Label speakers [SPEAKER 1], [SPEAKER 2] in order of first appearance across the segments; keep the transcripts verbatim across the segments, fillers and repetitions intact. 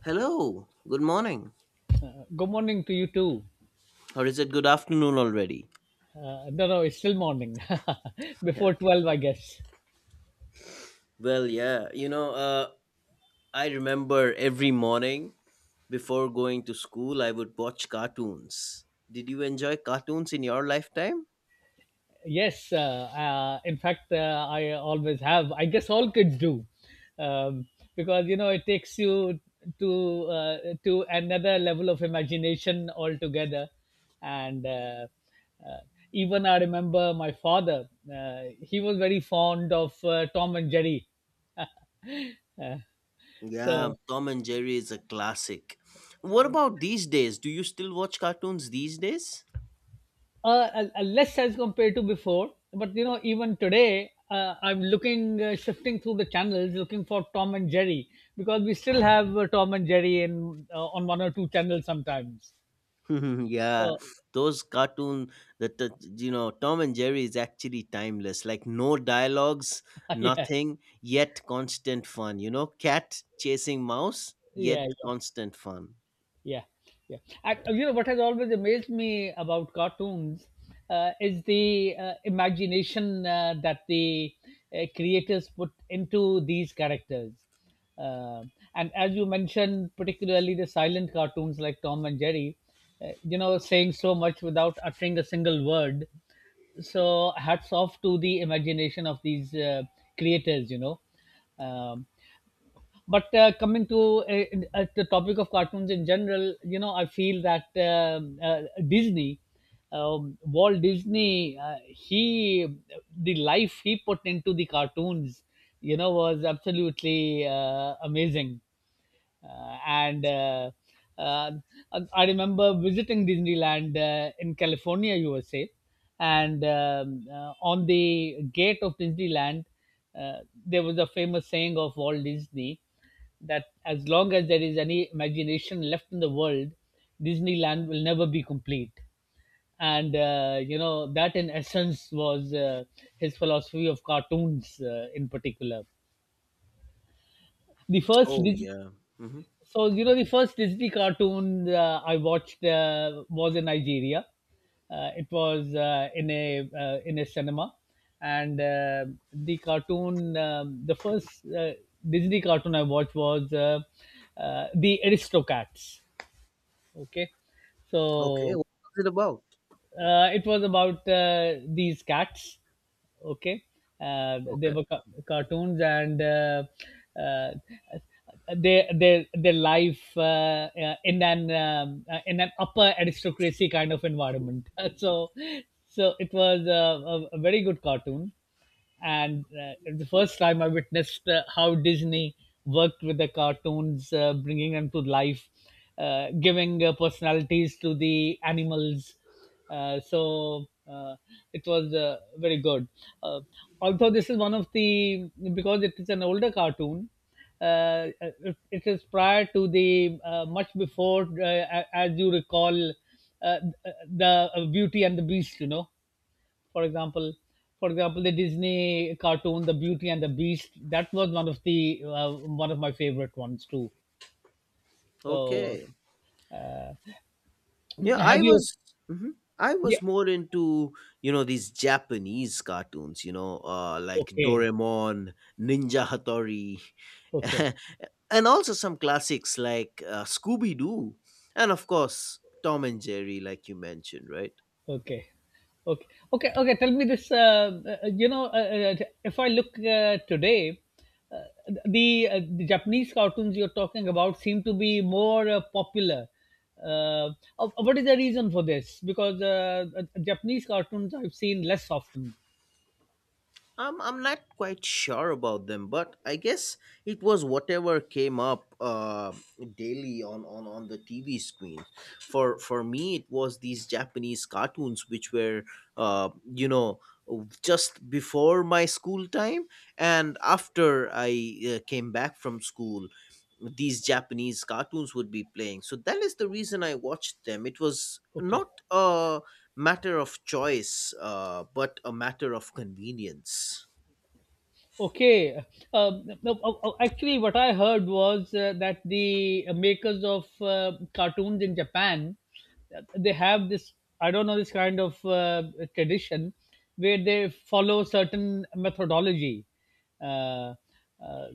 [SPEAKER 1] Hello, good morning.
[SPEAKER 2] Good morning to you too.
[SPEAKER 1] Or is it good afternoon already?
[SPEAKER 2] Uh, no, no, it's still morning.
[SPEAKER 1] Yeah,
[SPEAKER 2] Before
[SPEAKER 1] okay.
[SPEAKER 2] twelve, I guess.
[SPEAKER 1] Well, yeah, you know, uh, I remember every morning before going to school, I would watch cartoons. Did you enjoy cartoons in your lifetime?
[SPEAKER 2] Yes, uh, uh, in fact, uh, I always have. I guess all kids do. Um, because, you know, it takes you to, uh, to another level of imagination altogether. And uh, uh, Even I remember my father, uh, he was very fond of uh, Tom and Jerry.
[SPEAKER 1] Yeah,
[SPEAKER 2] So
[SPEAKER 1] Tom and Jerry is a classic. What about these days? Do you still watch cartoons these days?
[SPEAKER 2] Uh, uh, uh, less as compared to before, but you know, even today, uh, I'm looking, uh, shifting through the channels, looking for Tom and Jerry because we still have uh, Tom and Jerry in uh, on one or two channels sometimes.
[SPEAKER 1] Yeah,
[SPEAKER 2] So
[SPEAKER 1] those cartoon that that, you know Tom and Jerry is actually timeless. Like no dialogues,
[SPEAKER 2] yeah,
[SPEAKER 1] nothing, yet constant fun. You know, cat chasing mouse, yet
[SPEAKER 2] yeah, yeah.
[SPEAKER 1] constant fun.
[SPEAKER 2] Yeah, yeah. Ac You know what has always amazed me about cartoons uh, is the uh, imagination uh, that the uh, creators put into these characters. Uh, and as you mentioned, particularly the silent cartoons like Tom and Jerry, uh, you know, saying so much without uttering a single word. So hats off to the imagination of these uh, creators, you know. Um, but uh, coming to uh, uh, the topic of cartoons in general, you know, I feel that um uh, Disney, um, Walt Disney, uh, he the life he put into the cartoons, you know, was absolutely uh, amazing, uh, and uh, uh, I remember visiting Disneyland uh, in California, U S A, and um, uh, on the gate of Disneyland, uh, there was a famous saying of Walt Disney that as long as there is any imagination left in the world, Disneyland will never be complete. And uh, you know, that in essence was uh, his philosophy of cartoons, uh, in particular. The first
[SPEAKER 1] Oh,
[SPEAKER 2] Dis-
[SPEAKER 1] yeah. Hmm.
[SPEAKER 2] so you know, the first Disney cartoon uh, I watched uh, was in Nigeria. Uh, it was uh, in a uh, in a cinema, and uh, the cartoon, um, the first uh, Disney cartoon I watched was uh, uh, the Aristocats. Okay,
[SPEAKER 1] Okay.
[SPEAKER 2] so
[SPEAKER 1] What was it about?
[SPEAKER 2] uh, it was about uh, these cats, okay uh, they
[SPEAKER 1] Okay.
[SPEAKER 2] were ca- cartoons, and uh, uh, their their their life uh, uh, in an um, uh, in an upper aristocracy kind of environment. so so it was uh, a, a very good cartoon, and uh, the first time I witnessed uh, how Disney worked with the cartoons, uh, bringing them to life, uh, giving uh, personalities to the animals. Uh, so uh, it was uh, very good. Uh, Although this is one of the, because it is an older cartoon. Uh, it, it is prior to the, uh, much before, uh, a- as you recall, uh, the uh, Beauty and the Beast. You know, for example for example the Disney cartoon, the Beauty and the Beast, that was one of the uh, one of my favorite ones too. So
[SPEAKER 1] Okay. Yeah,
[SPEAKER 2] have
[SPEAKER 1] I
[SPEAKER 2] you
[SPEAKER 1] was. Mhm. I was
[SPEAKER 2] yeah
[SPEAKER 1] more into you know these Japanese cartoons, you know, uh, like
[SPEAKER 2] okay
[SPEAKER 1] Doraemon, Ninja Hattori,
[SPEAKER 2] okay
[SPEAKER 1] and also some classics like uh, Scooby Doo, and of course Tom and Jerry, like you mentioned, right?
[SPEAKER 2] okay okay okay okay Tell me this, uh, uh, you know, uh, uh, if i look uh, today, uh, the, uh, the Japanese cartoons you're talking about seem to be more uh, popular. Uh, uh, what is the reason for this? Because uh, uh, Japanese cartoons I've seen less often.
[SPEAKER 1] Um, I'm not quite sure about them, but I guess it was whatever came up uh, daily on, on, on the T V screen. For for me, it was these Japanese cartoons which were, uh, you know, just before my school time and after I uh, came back from school. These Japanese cartoons would be playing, so that is the reason I watched them. It was
[SPEAKER 2] Okay.
[SPEAKER 1] not a matter of choice, uh, but a matter of convenience.
[SPEAKER 2] Okay. Um, no, oh, oh, actually, what I heard was uh, that the makers of uh, cartoons in Japan, uh, they have this, I don't know, this kind of uh, tradition where they follow certain methodology, uh, uh,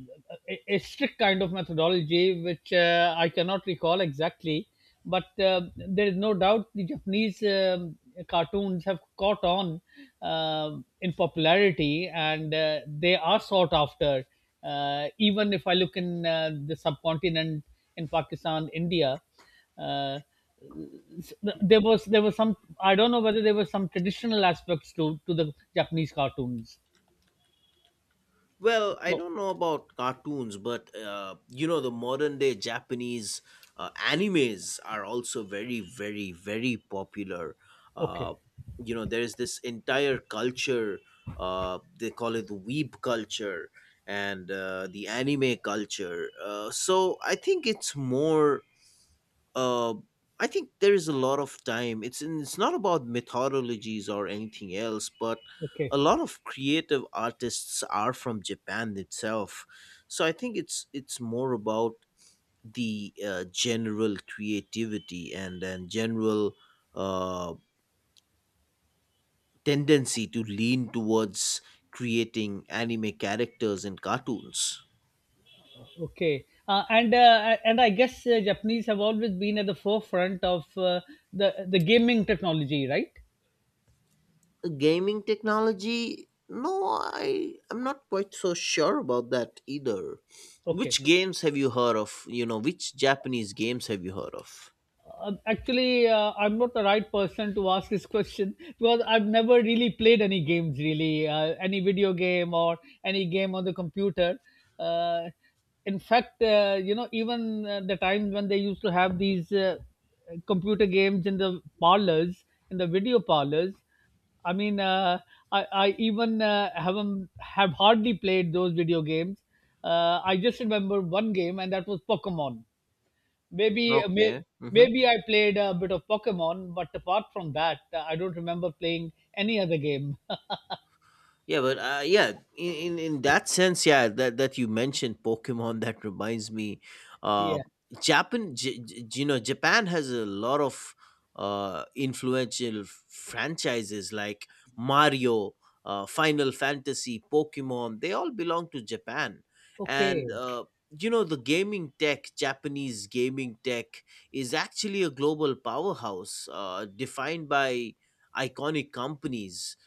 [SPEAKER 2] a, a strict kind of methodology, which uh, I cannot recall exactly. But uh, there is no doubt the Japanese um, cartoons have caught on um in popularity, and uh, they are sought after. Uh, even if I look in uh, the subcontinent, in Pakistan, India, uh, s- there was there was some, I don't know whether there were some traditional aspects to to the Japanese cartoons.
[SPEAKER 1] Well, I
[SPEAKER 2] So
[SPEAKER 1] don't know about cartoons, but uh, you know, the modern day Japanese uh, animes are also very, very, very popular. Uh,
[SPEAKER 2] okay,
[SPEAKER 1] you know, there's this entire culture, uh, they call it the weeb culture and uh, the anime culture. Uh, so I think it's more uh, I think there is a lot of time. It's it's not about methodologies or anything else, but a
[SPEAKER 2] okay.
[SPEAKER 1] lot of creative artists are from Japan itself. So I think it's it's more about the uh, general creativity and and general uh, tendency to lean towards creating anime characters and cartoons.
[SPEAKER 2] Okay, uh, and uh, and I guess uh, Japanese have always been at the forefront of uh, the the gaming technology, right?
[SPEAKER 1] Gaming technology? No, i i'm not quite so sure about that either.
[SPEAKER 2] Okay.
[SPEAKER 1] Which games have you heard of? You know which Japanese games have you heard of?
[SPEAKER 2] Uh, actually, uh, I'm not the right person to ask this question because I've never really played any games, really, uh, any video game or any game on the computer. Uh, in fact, uh, you know, even uh, the times when they used to have these uh, computer games in the parlors, in the video parlors, I mean, uh, I, I even uh, haven't have hardly played those video games. Uh, I just remember one game, and that was Pokemon. Maybe
[SPEAKER 1] Okay.
[SPEAKER 2] may,
[SPEAKER 1] Hmm.
[SPEAKER 2] Maybe I played a bit of Pokemon, but apart from that, uh, I don't remember playing any other game.
[SPEAKER 1] Yeah, but uh, yeah, in, in in that sense, yeah, that that you mentioned Pokemon, that reminds me, uh,
[SPEAKER 2] Yeah.
[SPEAKER 1] Japan, J- J- you know, Japan has a lot of uh influential franchises like Mario, uh, Final Fantasy, Pokemon. They all belong to Japan, and
[SPEAKER 2] Okay.
[SPEAKER 1] uh, you know, the gaming tech, Japanese gaming tech, is actually a global powerhouse, uh, defined by iconic companies.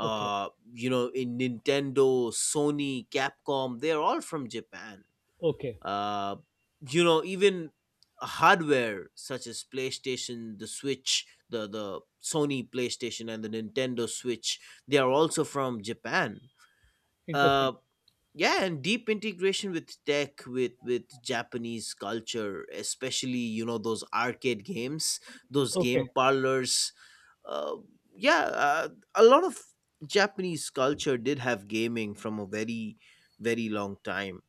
[SPEAKER 2] Okay.
[SPEAKER 1] you know, in Nintendo, Sony, Capcom, they're all from Japan.
[SPEAKER 2] Okay.
[SPEAKER 1] uh you know, even hardware such as PlayStation, the Switch, the the Sony PlayStation and the Nintendo Switch, they are also from Japan.
[SPEAKER 2] Interesting.
[SPEAKER 1] uh yeah, and deep integration with tech, with with Japanese culture, especially you know those arcade games, those
[SPEAKER 2] Okay.
[SPEAKER 1] game parlors. uh, yeah, uh, a lot of Japanese culture did have gaming from a very, very long time.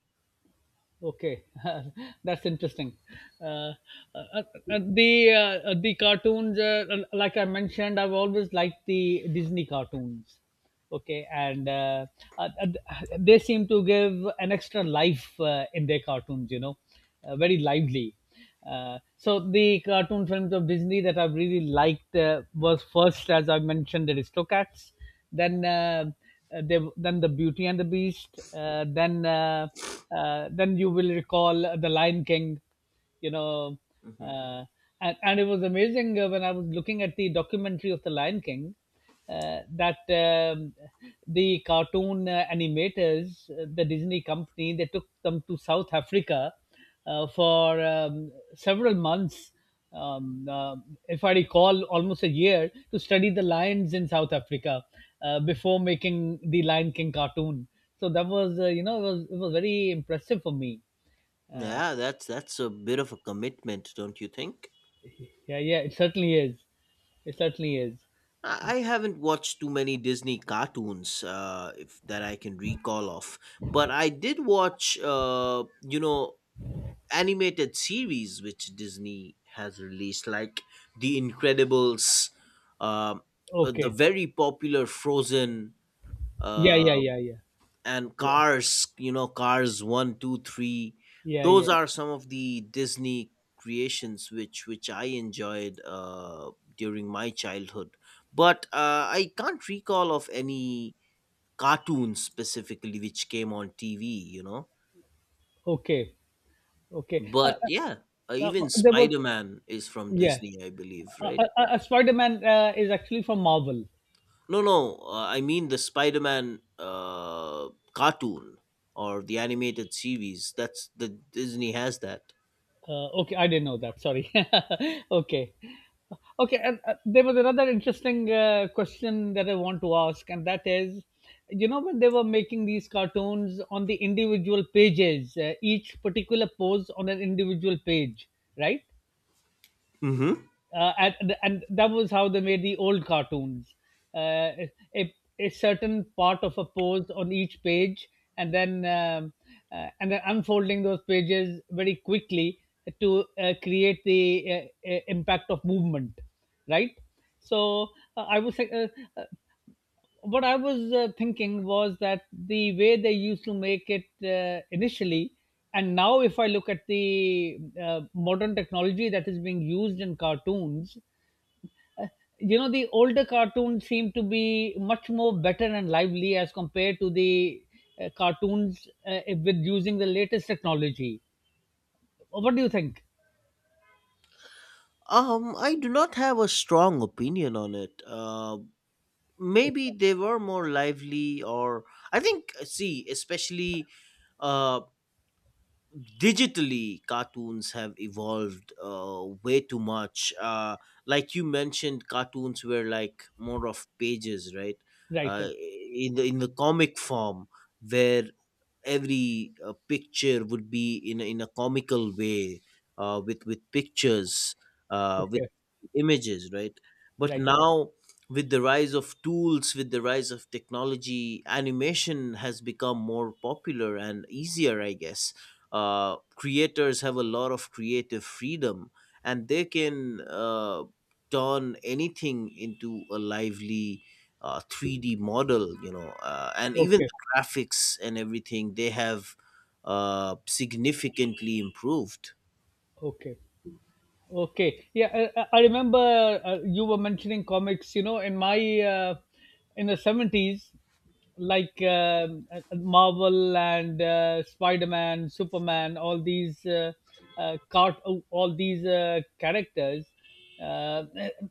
[SPEAKER 2] Okay. That's interesting. Uh, uh, uh, the uh, uh, the cartoons, uh, l- like I mentioned, I've always liked the Disney cartoons. Okay, and uh, uh, uh, they seem to give an extra life uh, in their cartoons. You know, uh, very lively. Uh, so the cartoon films of Disney that I really liked uh, was first, as I mentioned, Aristocats, then uh, uh, they, then the Beauty and the Beast, uh, then uh, uh, then you will recall uh, the Lion King, you know,
[SPEAKER 1] Hmm.
[SPEAKER 2] uh, and, and it was amazing uh, when I was looking at the documentary of the Lion King. Uh, that um, The cartoon uh, animators, uh, the Disney company, they took them to South Africa uh, for um, several months, um, uh, if I recall, almost a year, to study the lions in South Africa uh, before making the Lion King cartoon. So that was, uh, you know, it was, it was very impressive for me.
[SPEAKER 1] Yeah, that's that's a bit of a commitment, don't you think?
[SPEAKER 2] Yeah, yeah, it certainly is. It certainly is.
[SPEAKER 1] I I haven't watched too many Disney cartoons uh, if, that I can recall of, but I did watch, uh, you know, animated series which Disney has released, like The Incredibles, um, uh, the
[SPEAKER 2] Okay.
[SPEAKER 1] very popular Frozen,
[SPEAKER 2] Yeah, yeah,
[SPEAKER 1] uh,
[SPEAKER 2] yeah, yeah,
[SPEAKER 1] and
[SPEAKER 2] yeah,
[SPEAKER 1] cars, you know, cars one two three.
[SPEAKER 2] yeah,
[SPEAKER 1] Those
[SPEAKER 2] yeah.
[SPEAKER 1] are some of the Disney creations which which I enjoyed uh during my childhood, but uh I can't recall of any cartoons specifically which came on TV, you know.
[SPEAKER 2] Okay, okay. Uh,
[SPEAKER 1] But yeah, uh,
[SPEAKER 2] uh, uh,
[SPEAKER 1] even
[SPEAKER 2] there was,
[SPEAKER 1] Spider-Man is from
[SPEAKER 2] yeah.
[SPEAKER 1] Disney, I believe,
[SPEAKER 2] Uh,
[SPEAKER 1] right?
[SPEAKER 2] uh, uh, Spider Man uh, is actually from Marvel.
[SPEAKER 1] No no uh, I mean the Spider-Man uh cartoon or the animated series, that's the Disney has that.
[SPEAKER 2] Uh, okay, I didn't know that. Sorry. Okay. Okay, and uh, there was another interesting uh, question that I want to ask, and that is, you know, when they were making these cartoons on the individual pages, uh, each particular pose on an individual page, right?
[SPEAKER 1] Hmm.
[SPEAKER 2] Uh, and, and that was how they made the old cartoons. Uh, a, a certain part of a pose on each page, and then um, uh, and then unfolding those pages very quickly to uh, create the uh, uh, impact of movement, right? So uh, I was uh, uh, what I was uh, thinking was that the way they used to make it uh, initially, and now if I look at the uh, modern technology that is being used in cartoons, you know, the older cartoons seem to be much more better and lively as compared to the uh, cartoons uh, with using the latest technology. What do you think?
[SPEAKER 1] Um, I do not have a strong opinion on it. Uh,
[SPEAKER 2] Oh,
[SPEAKER 1] maybe they were more lively, or I think, uh, see, especially uh, digitally, cartoons have evolved uh, way too much. Uh, like you mentioned, cartoons were like more of pages, right?
[SPEAKER 2] right
[SPEAKER 1] Uh,
[SPEAKER 2] right
[SPEAKER 1] in the in the comic form, where every uh, picture would be in a- in a comical way, uh, with with pictures. Uh, with
[SPEAKER 2] okay
[SPEAKER 1] images, right? But
[SPEAKER 2] right
[SPEAKER 1] now with the rise of tools, with the rise of technology, animation has become more popular and easier, I guess. Uh, creators have a lot of creative freedom, and they can uh, turn anything into a lively uh, three D model, you know, uh, and even
[SPEAKER 2] okay
[SPEAKER 1] the graphics and everything they have uh, significantly improved.
[SPEAKER 2] okay Okay. Yeah, I, I I remember uh, you were mentioning comics. You know, in my uh, in the seventies, like um, uh, Marvel and uh, Spider Man, Superman, all these uh, uh, cart- all these uh, characters, uh,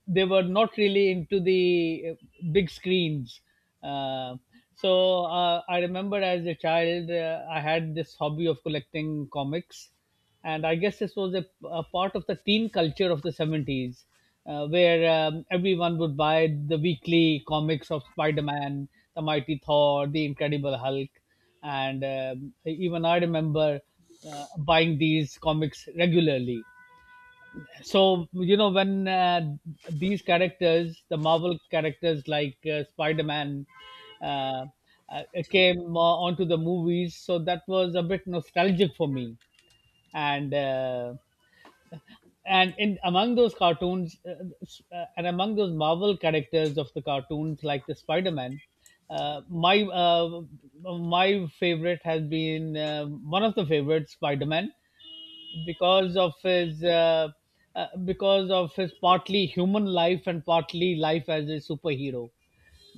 [SPEAKER 2] they were not really into the uh, big screens. Uh, so uh, I remember as a child, uh, I had this hobby of collecting comics, and I guess this was a, a part of the teen culture of the seventies, uh, where um, everyone would buy the weekly comics of Spider Man, the Mighty Thor, the Incredible Hulk, and um, even I remember uh, buying these comics regularly. So, you know, when uh, these characters, the Marvel characters like uh, Spider Man, uh, uh, came uh, onto the movies, so that was a bit nostalgic for me, and uh, and in among those cartoons, uh, uh, and among those Marvel characters of the cartoons like the Spider-Man, uh, my uh, my favorite has been uh, one of the favorites, Spider-Man, because of his uh, uh, because of his partly human life and partly life as a superhero,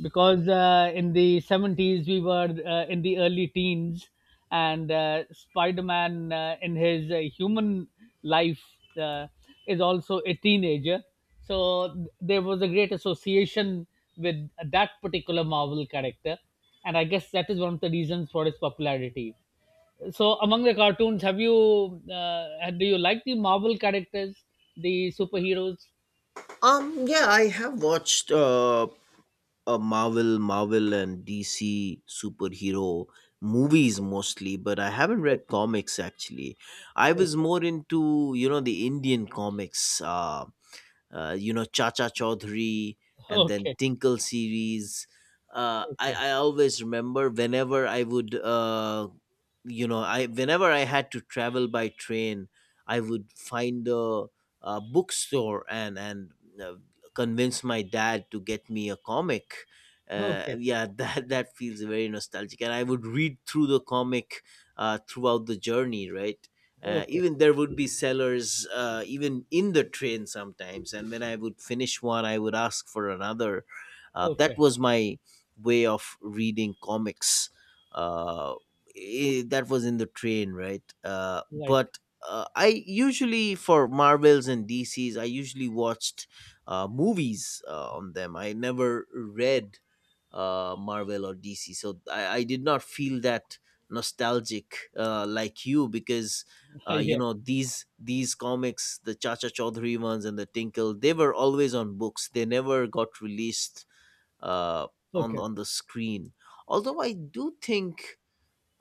[SPEAKER 2] because uh, in the seventies we were uh, in the early teens, and uh, Spider-Man uh, in his uh, human life uh, is also a teenager. So th- there was a great association with that particular Marvel character, and I guess that is one of the reasons for its popularity. So among the cartoons, have you uh, do you like the Marvel characters, the superheroes?
[SPEAKER 1] um Yeah, I have watched uh, a Marvel, Marvel and D C superhero movies mostly, but I haven't read comics actually. I was more into you know the Indian comics. Uh, uh, you know, Chacha Chaudhary and then
[SPEAKER 2] okay
[SPEAKER 1] Tinkle series. Uh,
[SPEAKER 2] okay
[SPEAKER 1] I I always remember whenever I would uh, you know I whenever I had to travel by train, I would find a, a bookstore and and uh, convince my dad to get me a comic. Uh,
[SPEAKER 2] okay okay
[SPEAKER 1] yeah, that that feels very nostalgic, and I would read through the comic uh, throughout the journey, right? Uh,
[SPEAKER 2] okay okay
[SPEAKER 1] even there would be sellers uh, even in the train sometimes, and when I would finish one, I would ask for another. Uh, that
[SPEAKER 2] okay
[SPEAKER 1] was my way of reading comics. Uh, i that was in the train, right? uh,
[SPEAKER 2] Right.
[SPEAKER 1] but uh, i usually for Marvels and DC's, I usually watched uh, movies uh, on them, I never read uh, Marvel or DC. So I, I did not feel that nostalgic uh, like you because
[SPEAKER 2] Ah,
[SPEAKER 1] uh, you
[SPEAKER 2] yeah.
[SPEAKER 1] know, these these comics, the Chacha Chaudhary ones and the Tinkle, they were always on books, they never got released uh, on
[SPEAKER 2] Okay.
[SPEAKER 1] on the screen. Although I do think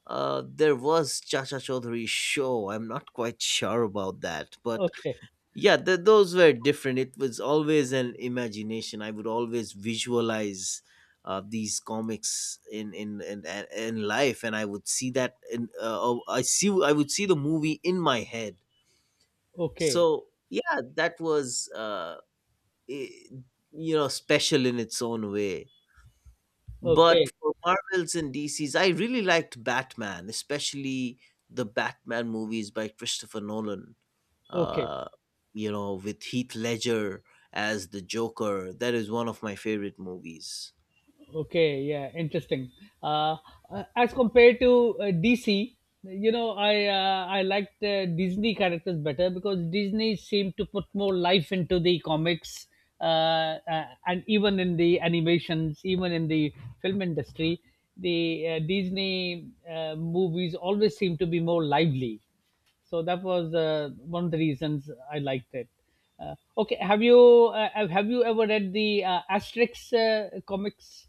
[SPEAKER 1] uh, there was Chacha Chaudhary show. I'm not quite sure about that, but
[SPEAKER 2] Okay.
[SPEAKER 1] yeah, th- those were different. It was always an imagination. I would always visualize uh, these comics in in, in in life, and I would see that in uh, oh, I see, I would see the movie in my head.
[SPEAKER 2] Okay. Okay.
[SPEAKER 1] So yeah that was uh i- you know, special in its own way. But
[SPEAKER 2] Okay.
[SPEAKER 1] for Marvels and DC's, I really liked Batman, especially the Batman movies by Christopher Nolan,
[SPEAKER 2] Okay.
[SPEAKER 1] uh you know, with Heath Ledger as the Joker. That is one of my favorite movies.
[SPEAKER 2] Okay, yeah, interesting. Uh, uh, as compared to uh, D C, you know, I uh, I liked uh, Disney characters better because Disney seemed to put more life into the comics, uh, uh, and even in the animations, even in the film industry, the uh, Disney uh, movies always seem to be more lively. So that was uh, one of the reasons I liked it. Uh, okay, have you uh, have you ever read the uh, Asterix uh, comics?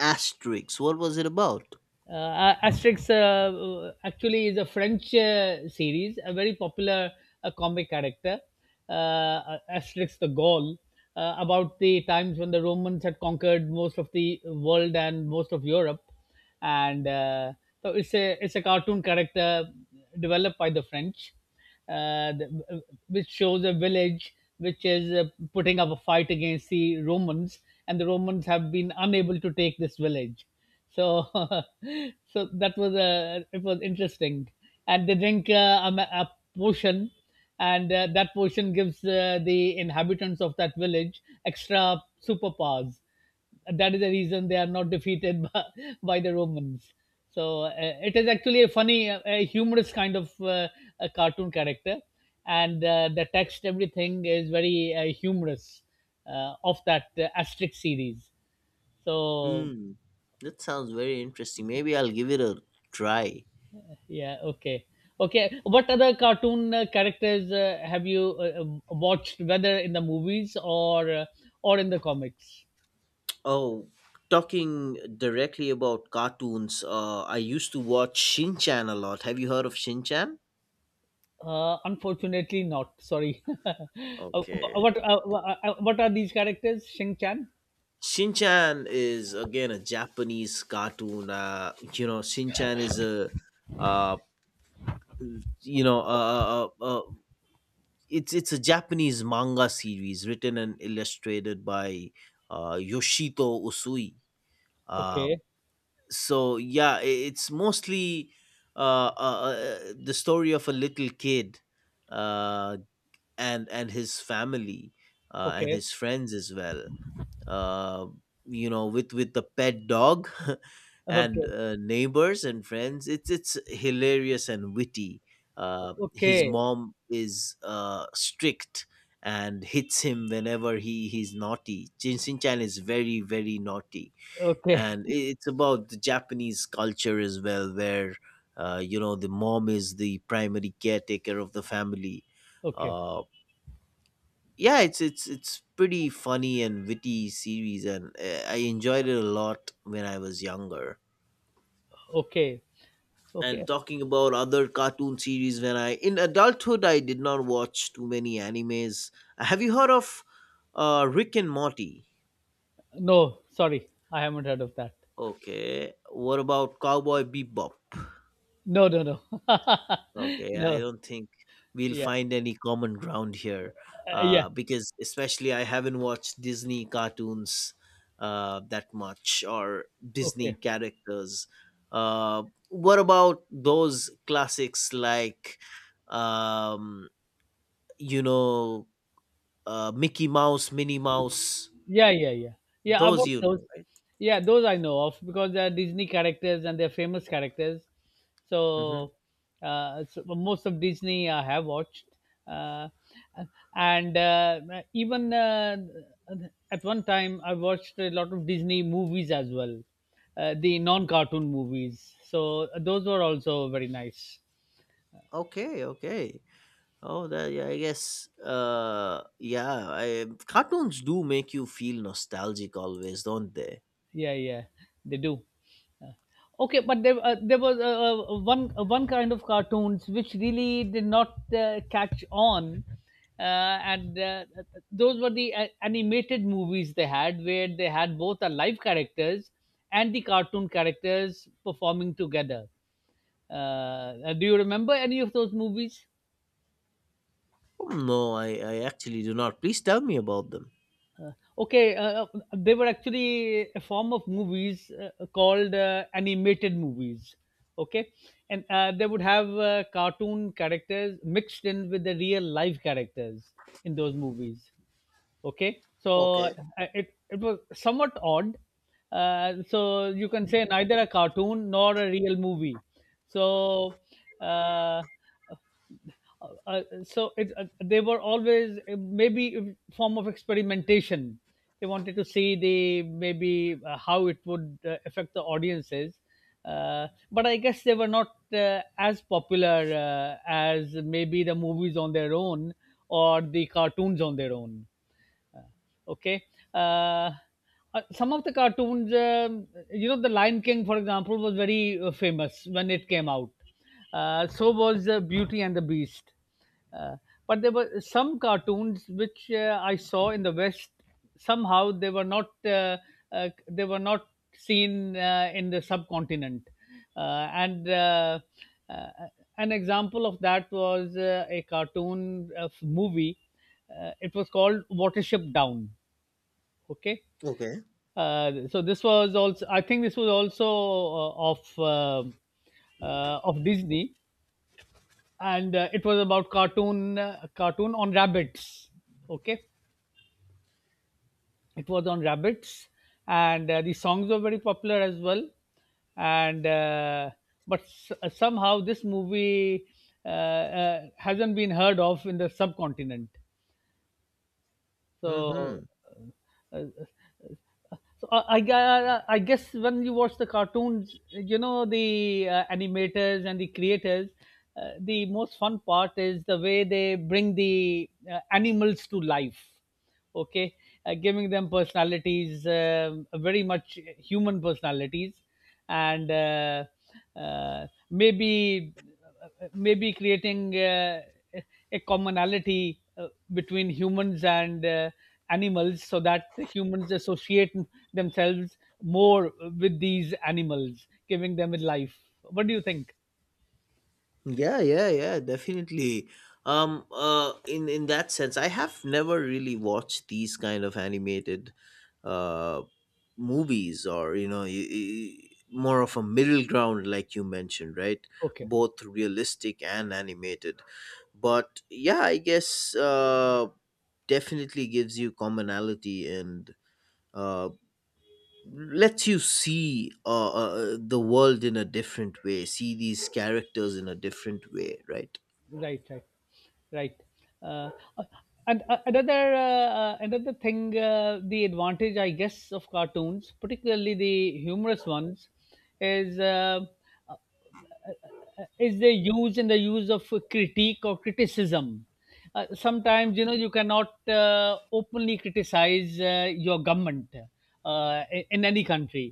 [SPEAKER 1] Asterix? What was it about?
[SPEAKER 2] Uh, Asterix uh, actually is a French uh, series, a very popular uh, comic character, uh, Asterix the Gaul, uh, about the times when the Romans had conquered most of the world and most of Europe, and uh, so it's a it's a cartoon character developed by the French, uh, the, which shows a village which is uh, putting up a fight against the Romans, and the Romans have been unable to take this village so, so that was a it was interesting, and they drink uh, a, ma- a potion, and uh, that potion gives uh, the inhabitants of that village extra superpowers. That is the reason they are not defeated by, by the Romans. So uh, it is actually a funny, uh, a humorous kind of uh, a cartoon character, and uh, the text everything is very uh, humorous uh, of that uh, asterisk series. So
[SPEAKER 1] Hmm, that sounds very interesting, maybe I'll give it a try.
[SPEAKER 2] yeah, okay. Okay, what other cartoon uh, characters uh, have you uh, um, watched, whether in the movies or uh, or in the comics?
[SPEAKER 1] Oh, talking directly about cartoons, uh, I used to watch Shin Chan a lot. Have you heard of Shin Chan?
[SPEAKER 2] Uh, unfortunately, not. Sorry. Uh,
[SPEAKER 1] Okay.
[SPEAKER 2] what uh, uh, uh, what are these characters? Shing Chan.
[SPEAKER 1] Shin Chan is again a Japanese cartoon. Uh, you know, Shin Chan is a, uh, you know, uh, uh, uh, it's it's a Japanese manga series written and illustrated by uh, Yoshito Usui. Um,
[SPEAKER 2] Okay,
[SPEAKER 1] so yeah, i- it's mostly uh, uh, uh, the story of a little kid uh, and and his family uh, and
[SPEAKER 2] okay,
[SPEAKER 1] his friends as well, uh, you know, with with the pet dog and
[SPEAKER 2] okay,
[SPEAKER 1] uh, neighbors and friends. it's it's hilarious and witty. Uh, his
[SPEAKER 2] okay,
[SPEAKER 1] mom is uh, strict and hits him whenever he he's naughty. Jin Chan is very very naughty,
[SPEAKER 2] okay,
[SPEAKER 1] and i- it's about the Japanese culture as well, where uh, you know, the mom is the primary caretaker of the family.
[SPEAKER 2] okay,
[SPEAKER 1] uh, yeah, it's it's it's pretty funny and witty series, and uh, I enjoyed it a lot when I was younger.
[SPEAKER 2] okay,
[SPEAKER 1] And
[SPEAKER 2] okay.
[SPEAKER 1] talking about other cartoon series, when I in adulthood, I did not watch too many animes. Have you heard of uh, Rick and Morty?
[SPEAKER 2] No, sorry, I haven't heard of that.
[SPEAKER 1] Okay, what about Cowboy Bebop?
[SPEAKER 2] No, no, no,
[SPEAKER 1] Okay, I
[SPEAKER 2] no.
[SPEAKER 1] don't think we'll
[SPEAKER 2] Yeah,
[SPEAKER 1] find any common ground here,
[SPEAKER 2] uh, yeah.
[SPEAKER 1] uh, because especially I haven't watched Disney cartoons uh, that much or Disney
[SPEAKER 2] Okay.
[SPEAKER 1] characters. Uh, what about those classics like, um, you know, uh, Mickey Mouse, Minnie Mouse?
[SPEAKER 2] Yeah, yeah, yeah. Yeah,
[SPEAKER 1] Those
[SPEAKER 2] about
[SPEAKER 1] you
[SPEAKER 2] those.
[SPEAKER 1] know, right?
[SPEAKER 2] Yeah, those I know of because they are Disney characters and they're famous characters. So,
[SPEAKER 1] Hmm.
[SPEAKER 2] uh, so most of Disney I have watched. Uh, and uh, even uh, At one time, I watched a lot of Disney movies as well, uh, the non cartoon movies. So, those were also very nice.
[SPEAKER 1] Okay, okay. Oh, that, yeah, I guess. Uh, yeah, I, cartoons do make you feel nostalgic always, don't they?
[SPEAKER 2] Yeah, yeah, they do. Uh, okay, but there uh, there was uh, uh, one uh, one kind of cartoons which really did not uh, catch on uh, and uh, those were the uh, animated movies they had where they had both the live characters and the cartoon characters performing together. Uh, uh, do you remember any of those movies?
[SPEAKER 1] Oh, no, I, I actually do not. Please tell me about them.
[SPEAKER 2] Okay, uh, uh, they were actually a form of movies uh, called uh, animated movies. Okay, and uh, they would have uh, cartoon characters mixed in with the real life characters in those movies, okay. So
[SPEAKER 1] Okay.
[SPEAKER 2] I- it, it was somewhat odd, uh, so you can say neither a cartoon nor a real movie. So uh, uh, uh, so it, uh, they were always uh, maybe a form of experimentation. They wanted to see the maybe uh, how it would uh, affect the audiences, uh, but I guess they were not uh, as popular uh, as maybe the movies on their own or the cartoons on their own. uh, okay. Uh, uh, some of the cartoons, um, you know, The Lion King, for example, was very uh, famous when it came out. Uh, so was uh, Beauty and the Beast. Uh, but there were some cartoons which uh, I saw in the West. Somehow they were not uh, uh, they were not seen uh, in the subcontinent, uh, and uh, uh, an example of that was uh, a cartoon uh, movie, uh, it was called Watership Down, okay.
[SPEAKER 1] Okay.
[SPEAKER 2] Uh, so this was also, I think this was also uh, of uh, uh, of Disney, and uh, it was about cartoon uh, cartoon on rabbits, okay. It was on rabbits, and uh, the songs were very popular as well, and uh, but s- uh, somehow this movie uh, uh, hasn't been heard of in the subcontinent. So
[SPEAKER 1] Mm-hmm.
[SPEAKER 2] uh, uh, so I, I, I I guess when you watch the cartoons, you know the uh, animators and the creators, uh, the most fun part is the way they bring the uh, animals to life, okay, uh, giving them personalities, um, very much human personalities, and uh, uh, maybe maybe creating uh, a commonality uh, between humans and uh, animals, so that the humans associate themselves more with these animals, giving them a life. What do you think?
[SPEAKER 1] Yeah, yeah, yeah, definitely. Um, uh, in in that sense, I have never really watched these kind of animated, uh, movies, or you know, y- y- more of a middle ground, like you mentioned, right?
[SPEAKER 2] Okay.
[SPEAKER 1] Both realistic and animated. But yeah, I guess uh definitely gives you commonality and uh lets you see uh, uh the world in a different way, see these characters in a different way, right?
[SPEAKER 2] Right, right, right. Uh, uh, and uh, Another uh, uh, another thing, uh, the advantage I guess of cartoons, particularly the humorous ones, is uh, uh, uh, uh, is the use and the use of critique or criticism. Uh, sometimes you know you cannot uh, openly criticize uh, your government uh, in in any country,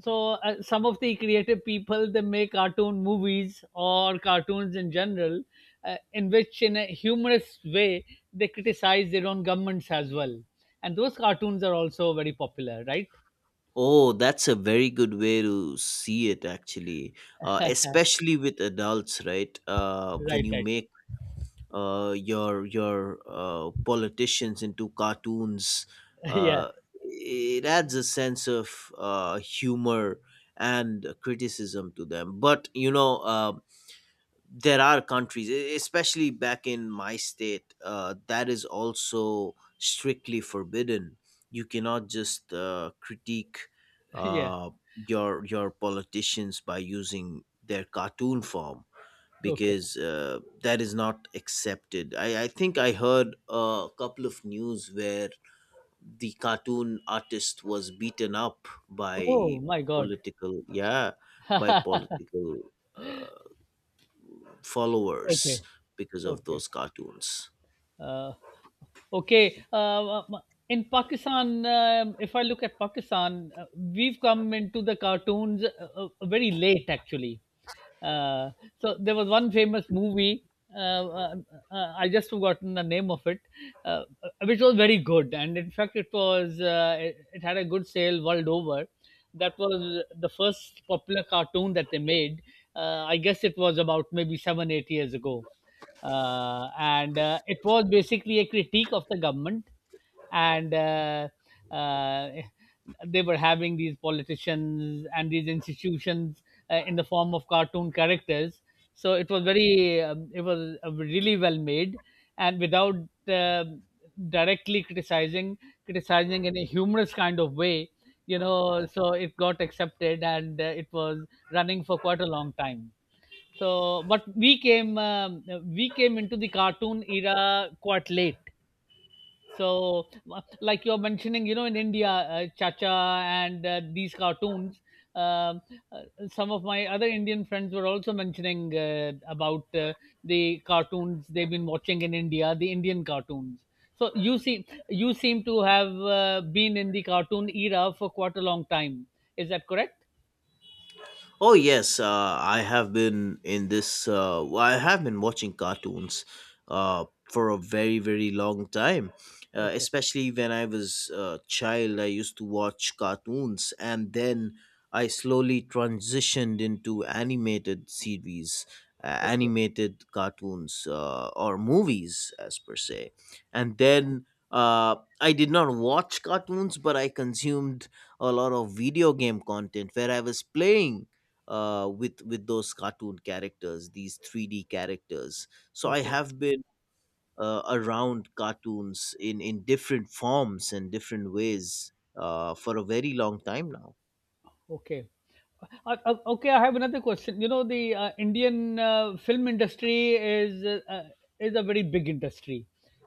[SPEAKER 2] so uh, some of the creative people, they make cartoon movies or cartoons in general, uh, in which in a humorous way they criticize their own governments as well, and those cartoons are also very popular, right?
[SPEAKER 1] Oh, that's a very good way to see it actually, uh especially with adults, right? uh when
[SPEAKER 2] Right,
[SPEAKER 1] you
[SPEAKER 2] right.
[SPEAKER 1] make uh, your your uh, politicians into cartoons.
[SPEAKER 2] Yeah,
[SPEAKER 1] Uh, it adds a sense of uh, humor and criticism to them. But you know, uh, there are countries, e- especially back in my state, uh, that is also strictly forbidden. You cannot just uh, critique
[SPEAKER 2] yeah,
[SPEAKER 1] uh, your your politicians by using their cartoon form
[SPEAKER 2] okay.
[SPEAKER 1] because uh, that is not accepted. I, I think I heard a couple of news where the cartoon artist was beaten up
[SPEAKER 2] Oh
[SPEAKER 1] by
[SPEAKER 2] my god.
[SPEAKER 1] political, yeah, by political uh,
[SPEAKER 2] Okay,
[SPEAKER 1] followers because of
[SPEAKER 2] okay,
[SPEAKER 1] those cartoons.
[SPEAKER 2] uh, okay. Uh, um, in Pakistan, um, if I look at Pakistan, uh, we've come into the cartoons uh, uh, very late actually. Uh, so there was one famous movie. Uh, uh, uh, I just forgotten the name of it, uh, uh, which was very good, and in fact, it was uh, it, it had a good sale world over. That was the first popular cartoon that they made. Uh, I guess it was about maybe seven, eight years ago. Uh, and uh, It was basically a critique of the government. And uh, uh, they were having these politicians and these institutions uh, in the form of cartoon characters. So it was very, um, it was uh, really well made, and without um directly criticizing, criticizing in a humorous kind of way, you know, so it got accepted, and uh, it was running for quite a long time. So but we came um, we came into the cartoon era quite late. So, wha- like you're mentioning, you know, in India, uh, Chacha and uh, these cartoons, um, uh, some of my other Indian friends were also mentioning uh, about uh, the cartoons they've been watching in India, the Indian cartoons. So you seem you seem to have uh, been in the cartoon era for quite a long time. Is that correct?
[SPEAKER 1] Oh yes, uh, I have been in this. Uh, well, I have been watching cartoons uh, for a very very long time. Uh,
[SPEAKER 2] Okay,
[SPEAKER 1] especially when I was a child, I used to watch cartoons, and then I slowly transitioned into animated series, uh,
[SPEAKER 2] okay,
[SPEAKER 1] animated cartoons, uh, or movies, as per se. And then uh, I did not watch cartoons, but I consumed a lot of video game content where I was playing uh, with with those cartoon characters, these three D characters. So I
[SPEAKER 2] okay,
[SPEAKER 1] have been uh, around cartoons in in different forms and different ways uh, for a very long time now.
[SPEAKER 2] okay. Uh, uh, okay, I have another question. You know, the uh, Indian uh, film industry is uh, uh, is a very big industry.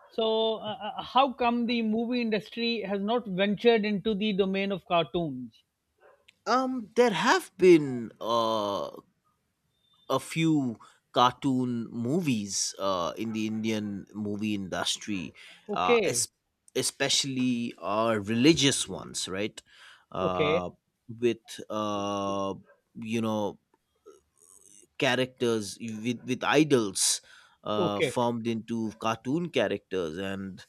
[SPEAKER 2] So, uh, uh, how come the movie industry has not ventured into the domain of cartoons?
[SPEAKER 1] Um, there have been uh, a few cartoon movies uh, in the Indian movie industry, uh,
[SPEAKER 2] Okay,
[SPEAKER 1] es- especially uh, religious ones, right?
[SPEAKER 2] okay,
[SPEAKER 1] Uh, with uh, you know characters with, with idols uh,
[SPEAKER 2] okay,
[SPEAKER 1] formed into cartoon characters and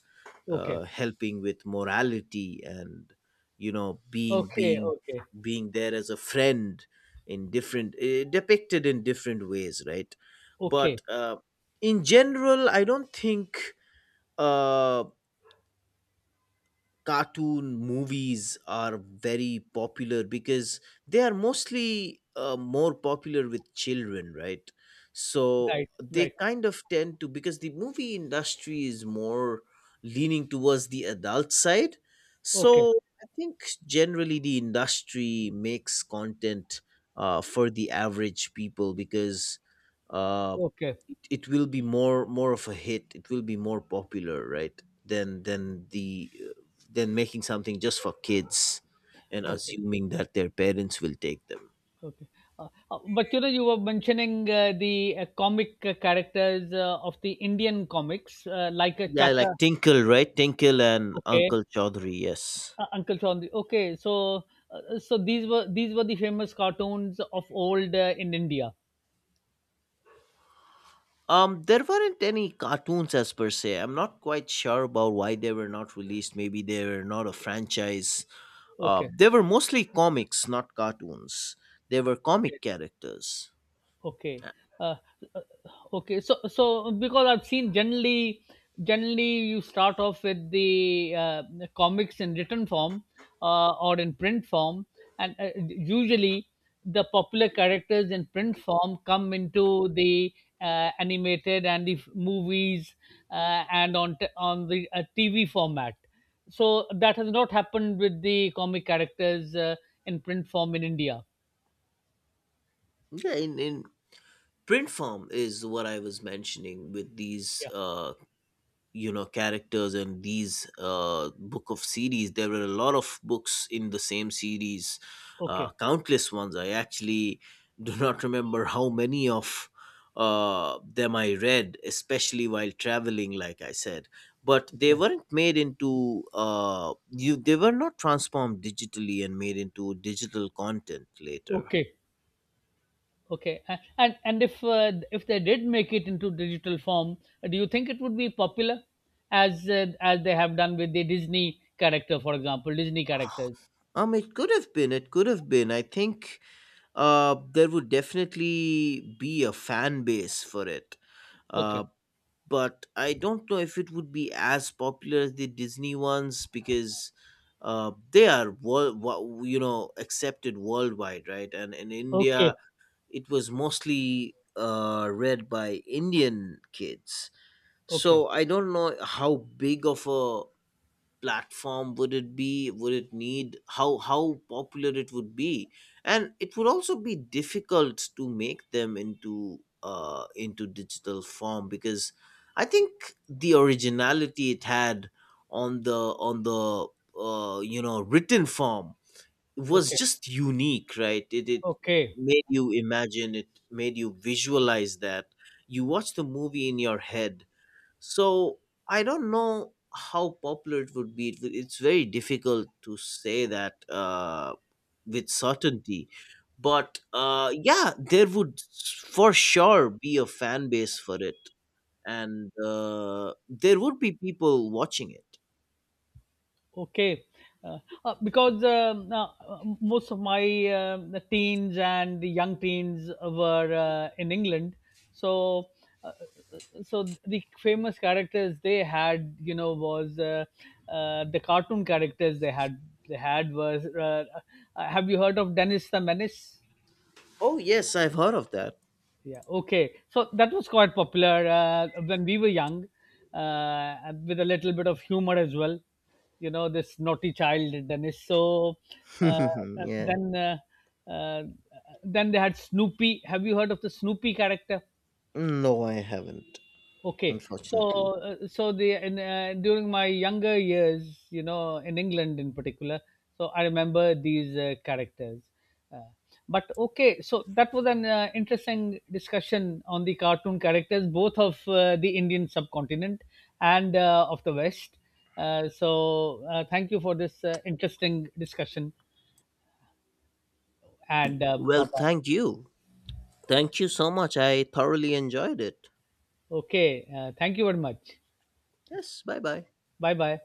[SPEAKER 2] okay,
[SPEAKER 1] uh, helping with morality and you know being
[SPEAKER 2] okay,
[SPEAKER 1] being
[SPEAKER 2] okay,
[SPEAKER 1] being there as a friend in different eh, depicted in different ways, right?
[SPEAKER 2] okay.
[SPEAKER 1] But uh, in general, I don't think uh, cartoon movies are very popular because they are mostly uh, more popular with children, right? So
[SPEAKER 2] Right,
[SPEAKER 1] they
[SPEAKER 2] right.
[SPEAKER 1] kind of tend to, because the movie industry is more leaning towards the adult side,
[SPEAKER 2] Okay,
[SPEAKER 1] so I think generally the industry makes content uh, for the average people, because uh,
[SPEAKER 2] okay,
[SPEAKER 1] it, it will be more more of a hit, it will be more popular, right? Than than the than making something just for kids and
[SPEAKER 2] okay,
[SPEAKER 1] assuming that their parents will take them.
[SPEAKER 2] okay. Uh, uh, but you know, you were mentioning uh, the uh, comic uh, characters uh, of the Indian comics, uh, like uh,
[SPEAKER 1] Yeah, like
[SPEAKER 2] Chacha.
[SPEAKER 1] Tinkle, right? Tinkle and
[SPEAKER 2] Okay,
[SPEAKER 1] Uncle Chaudhary, yes.
[SPEAKER 2] uh, Uncle Chandi. Okay, so uh, so these were these were the famous cartoons of old uh, in India.
[SPEAKER 1] Um, there weren't any cartoons as per se. I'm not quite sure about why they were not released. Maybe they were not a franchise. Uh,
[SPEAKER 2] Okay,
[SPEAKER 1] they were mostly comics, not cartoons. They were
[SPEAKER 2] okay.
[SPEAKER 1] comic characters.
[SPEAKER 2] Okay.
[SPEAKER 1] Uh,
[SPEAKER 2] Uh, uh, okay. So, so because I've seen generally, generally you start off with the uh, comics in written form uh, or in print form, and uh, usually the popular characters in print form come into the uh, animated and the f- movies uh, and on t- on the uh, T V format. So that has not happened with the comic characters uh, in print form in India.
[SPEAKER 1] Yeah, in, in print form is what I was mentioning with these
[SPEAKER 2] Yeah.
[SPEAKER 1] uh, you know characters, and these uh, book of series. There were a lot of books in the same series, uh,
[SPEAKER 2] Okay.
[SPEAKER 1] countless ones. I actually do not remember how many of uh, them I read, especially while traveling, like I said. But they
[SPEAKER 2] Okay.
[SPEAKER 1] weren't made into uh, you they were not transformed digitally and made into digital content later.
[SPEAKER 2] Okay. Okay, a- and and if uh, if they did make it into digital form, uh, do you think it would be popular, as uh, as they have done with the Disney character, for example, Disney characters?
[SPEAKER 1] Um it could have been, it could have been I think uh, there would definitely be a fan base for it. Uh,
[SPEAKER 2] Okay,
[SPEAKER 1] but I don't know if it would be as popular as the Disney ones, because uh, they are world, wo- you know, accepted worldwide, right? And in India,
[SPEAKER 2] okay,
[SPEAKER 1] it was mostly uh, read by Indian kids.
[SPEAKER 2] okay,
[SPEAKER 1] So I don't know how big of a platform would it be would it need how how popular it would be. And it would also be difficult to make them into uh into digital form, because I think the originality it had on the on the uh you know written form was
[SPEAKER 2] okay,
[SPEAKER 1] just unique, right? It, it
[SPEAKER 2] okay,
[SPEAKER 1] made you imagine, it made you visualize that you watch the movie in your head. So I don't know how popular it would be. It would- It's very difficult to say that uh, with certainty. But uh, yeah, there would for sure be a fan base for it. And uh, there would be people watching it.
[SPEAKER 2] okay. Uh, uh, because um, uh, most of my uh, teens and the young teens were uh, in England, so. uh, so the famous characters they had, you know, was uh, uh, the cartoon characters they had they had was uh, uh, have you heard of Dennis the Menace?
[SPEAKER 1] Oh, yes, I've heard of that.
[SPEAKER 2] Yeah, okay, so that was quite popular uh, when we were young, uh, and with a little bit of humor as well, you know, this naughty child Dennis. So uh, uh,
[SPEAKER 1] Yeah.
[SPEAKER 2] then uh, uh, then they had Snoopy. Have you heard of the Snoopy character?
[SPEAKER 1] No, I haven't,
[SPEAKER 2] Okay, so
[SPEAKER 1] unfortunately.
[SPEAKER 2] uh, so the in, uh, during my younger years, you know, in England in particular, so I remember these uh, characters. Uh, but okay, so that was an uh, interesting discussion on the cartoon characters, both of uh, the Indian subcontinent and uh, of the West. Uh, so uh, thank you for this uh, interesting discussion and uh,
[SPEAKER 1] Well,
[SPEAKER 2] bye bye.
[SPEAKER 1] thank you. Thank you so much. I thoroughly enjoyed it.
[SPEAKER 2] Okay, uh, thank you very much.
[SPEAKER 1] Yes, bye bye.
[SPEAKER 2] Bye bye.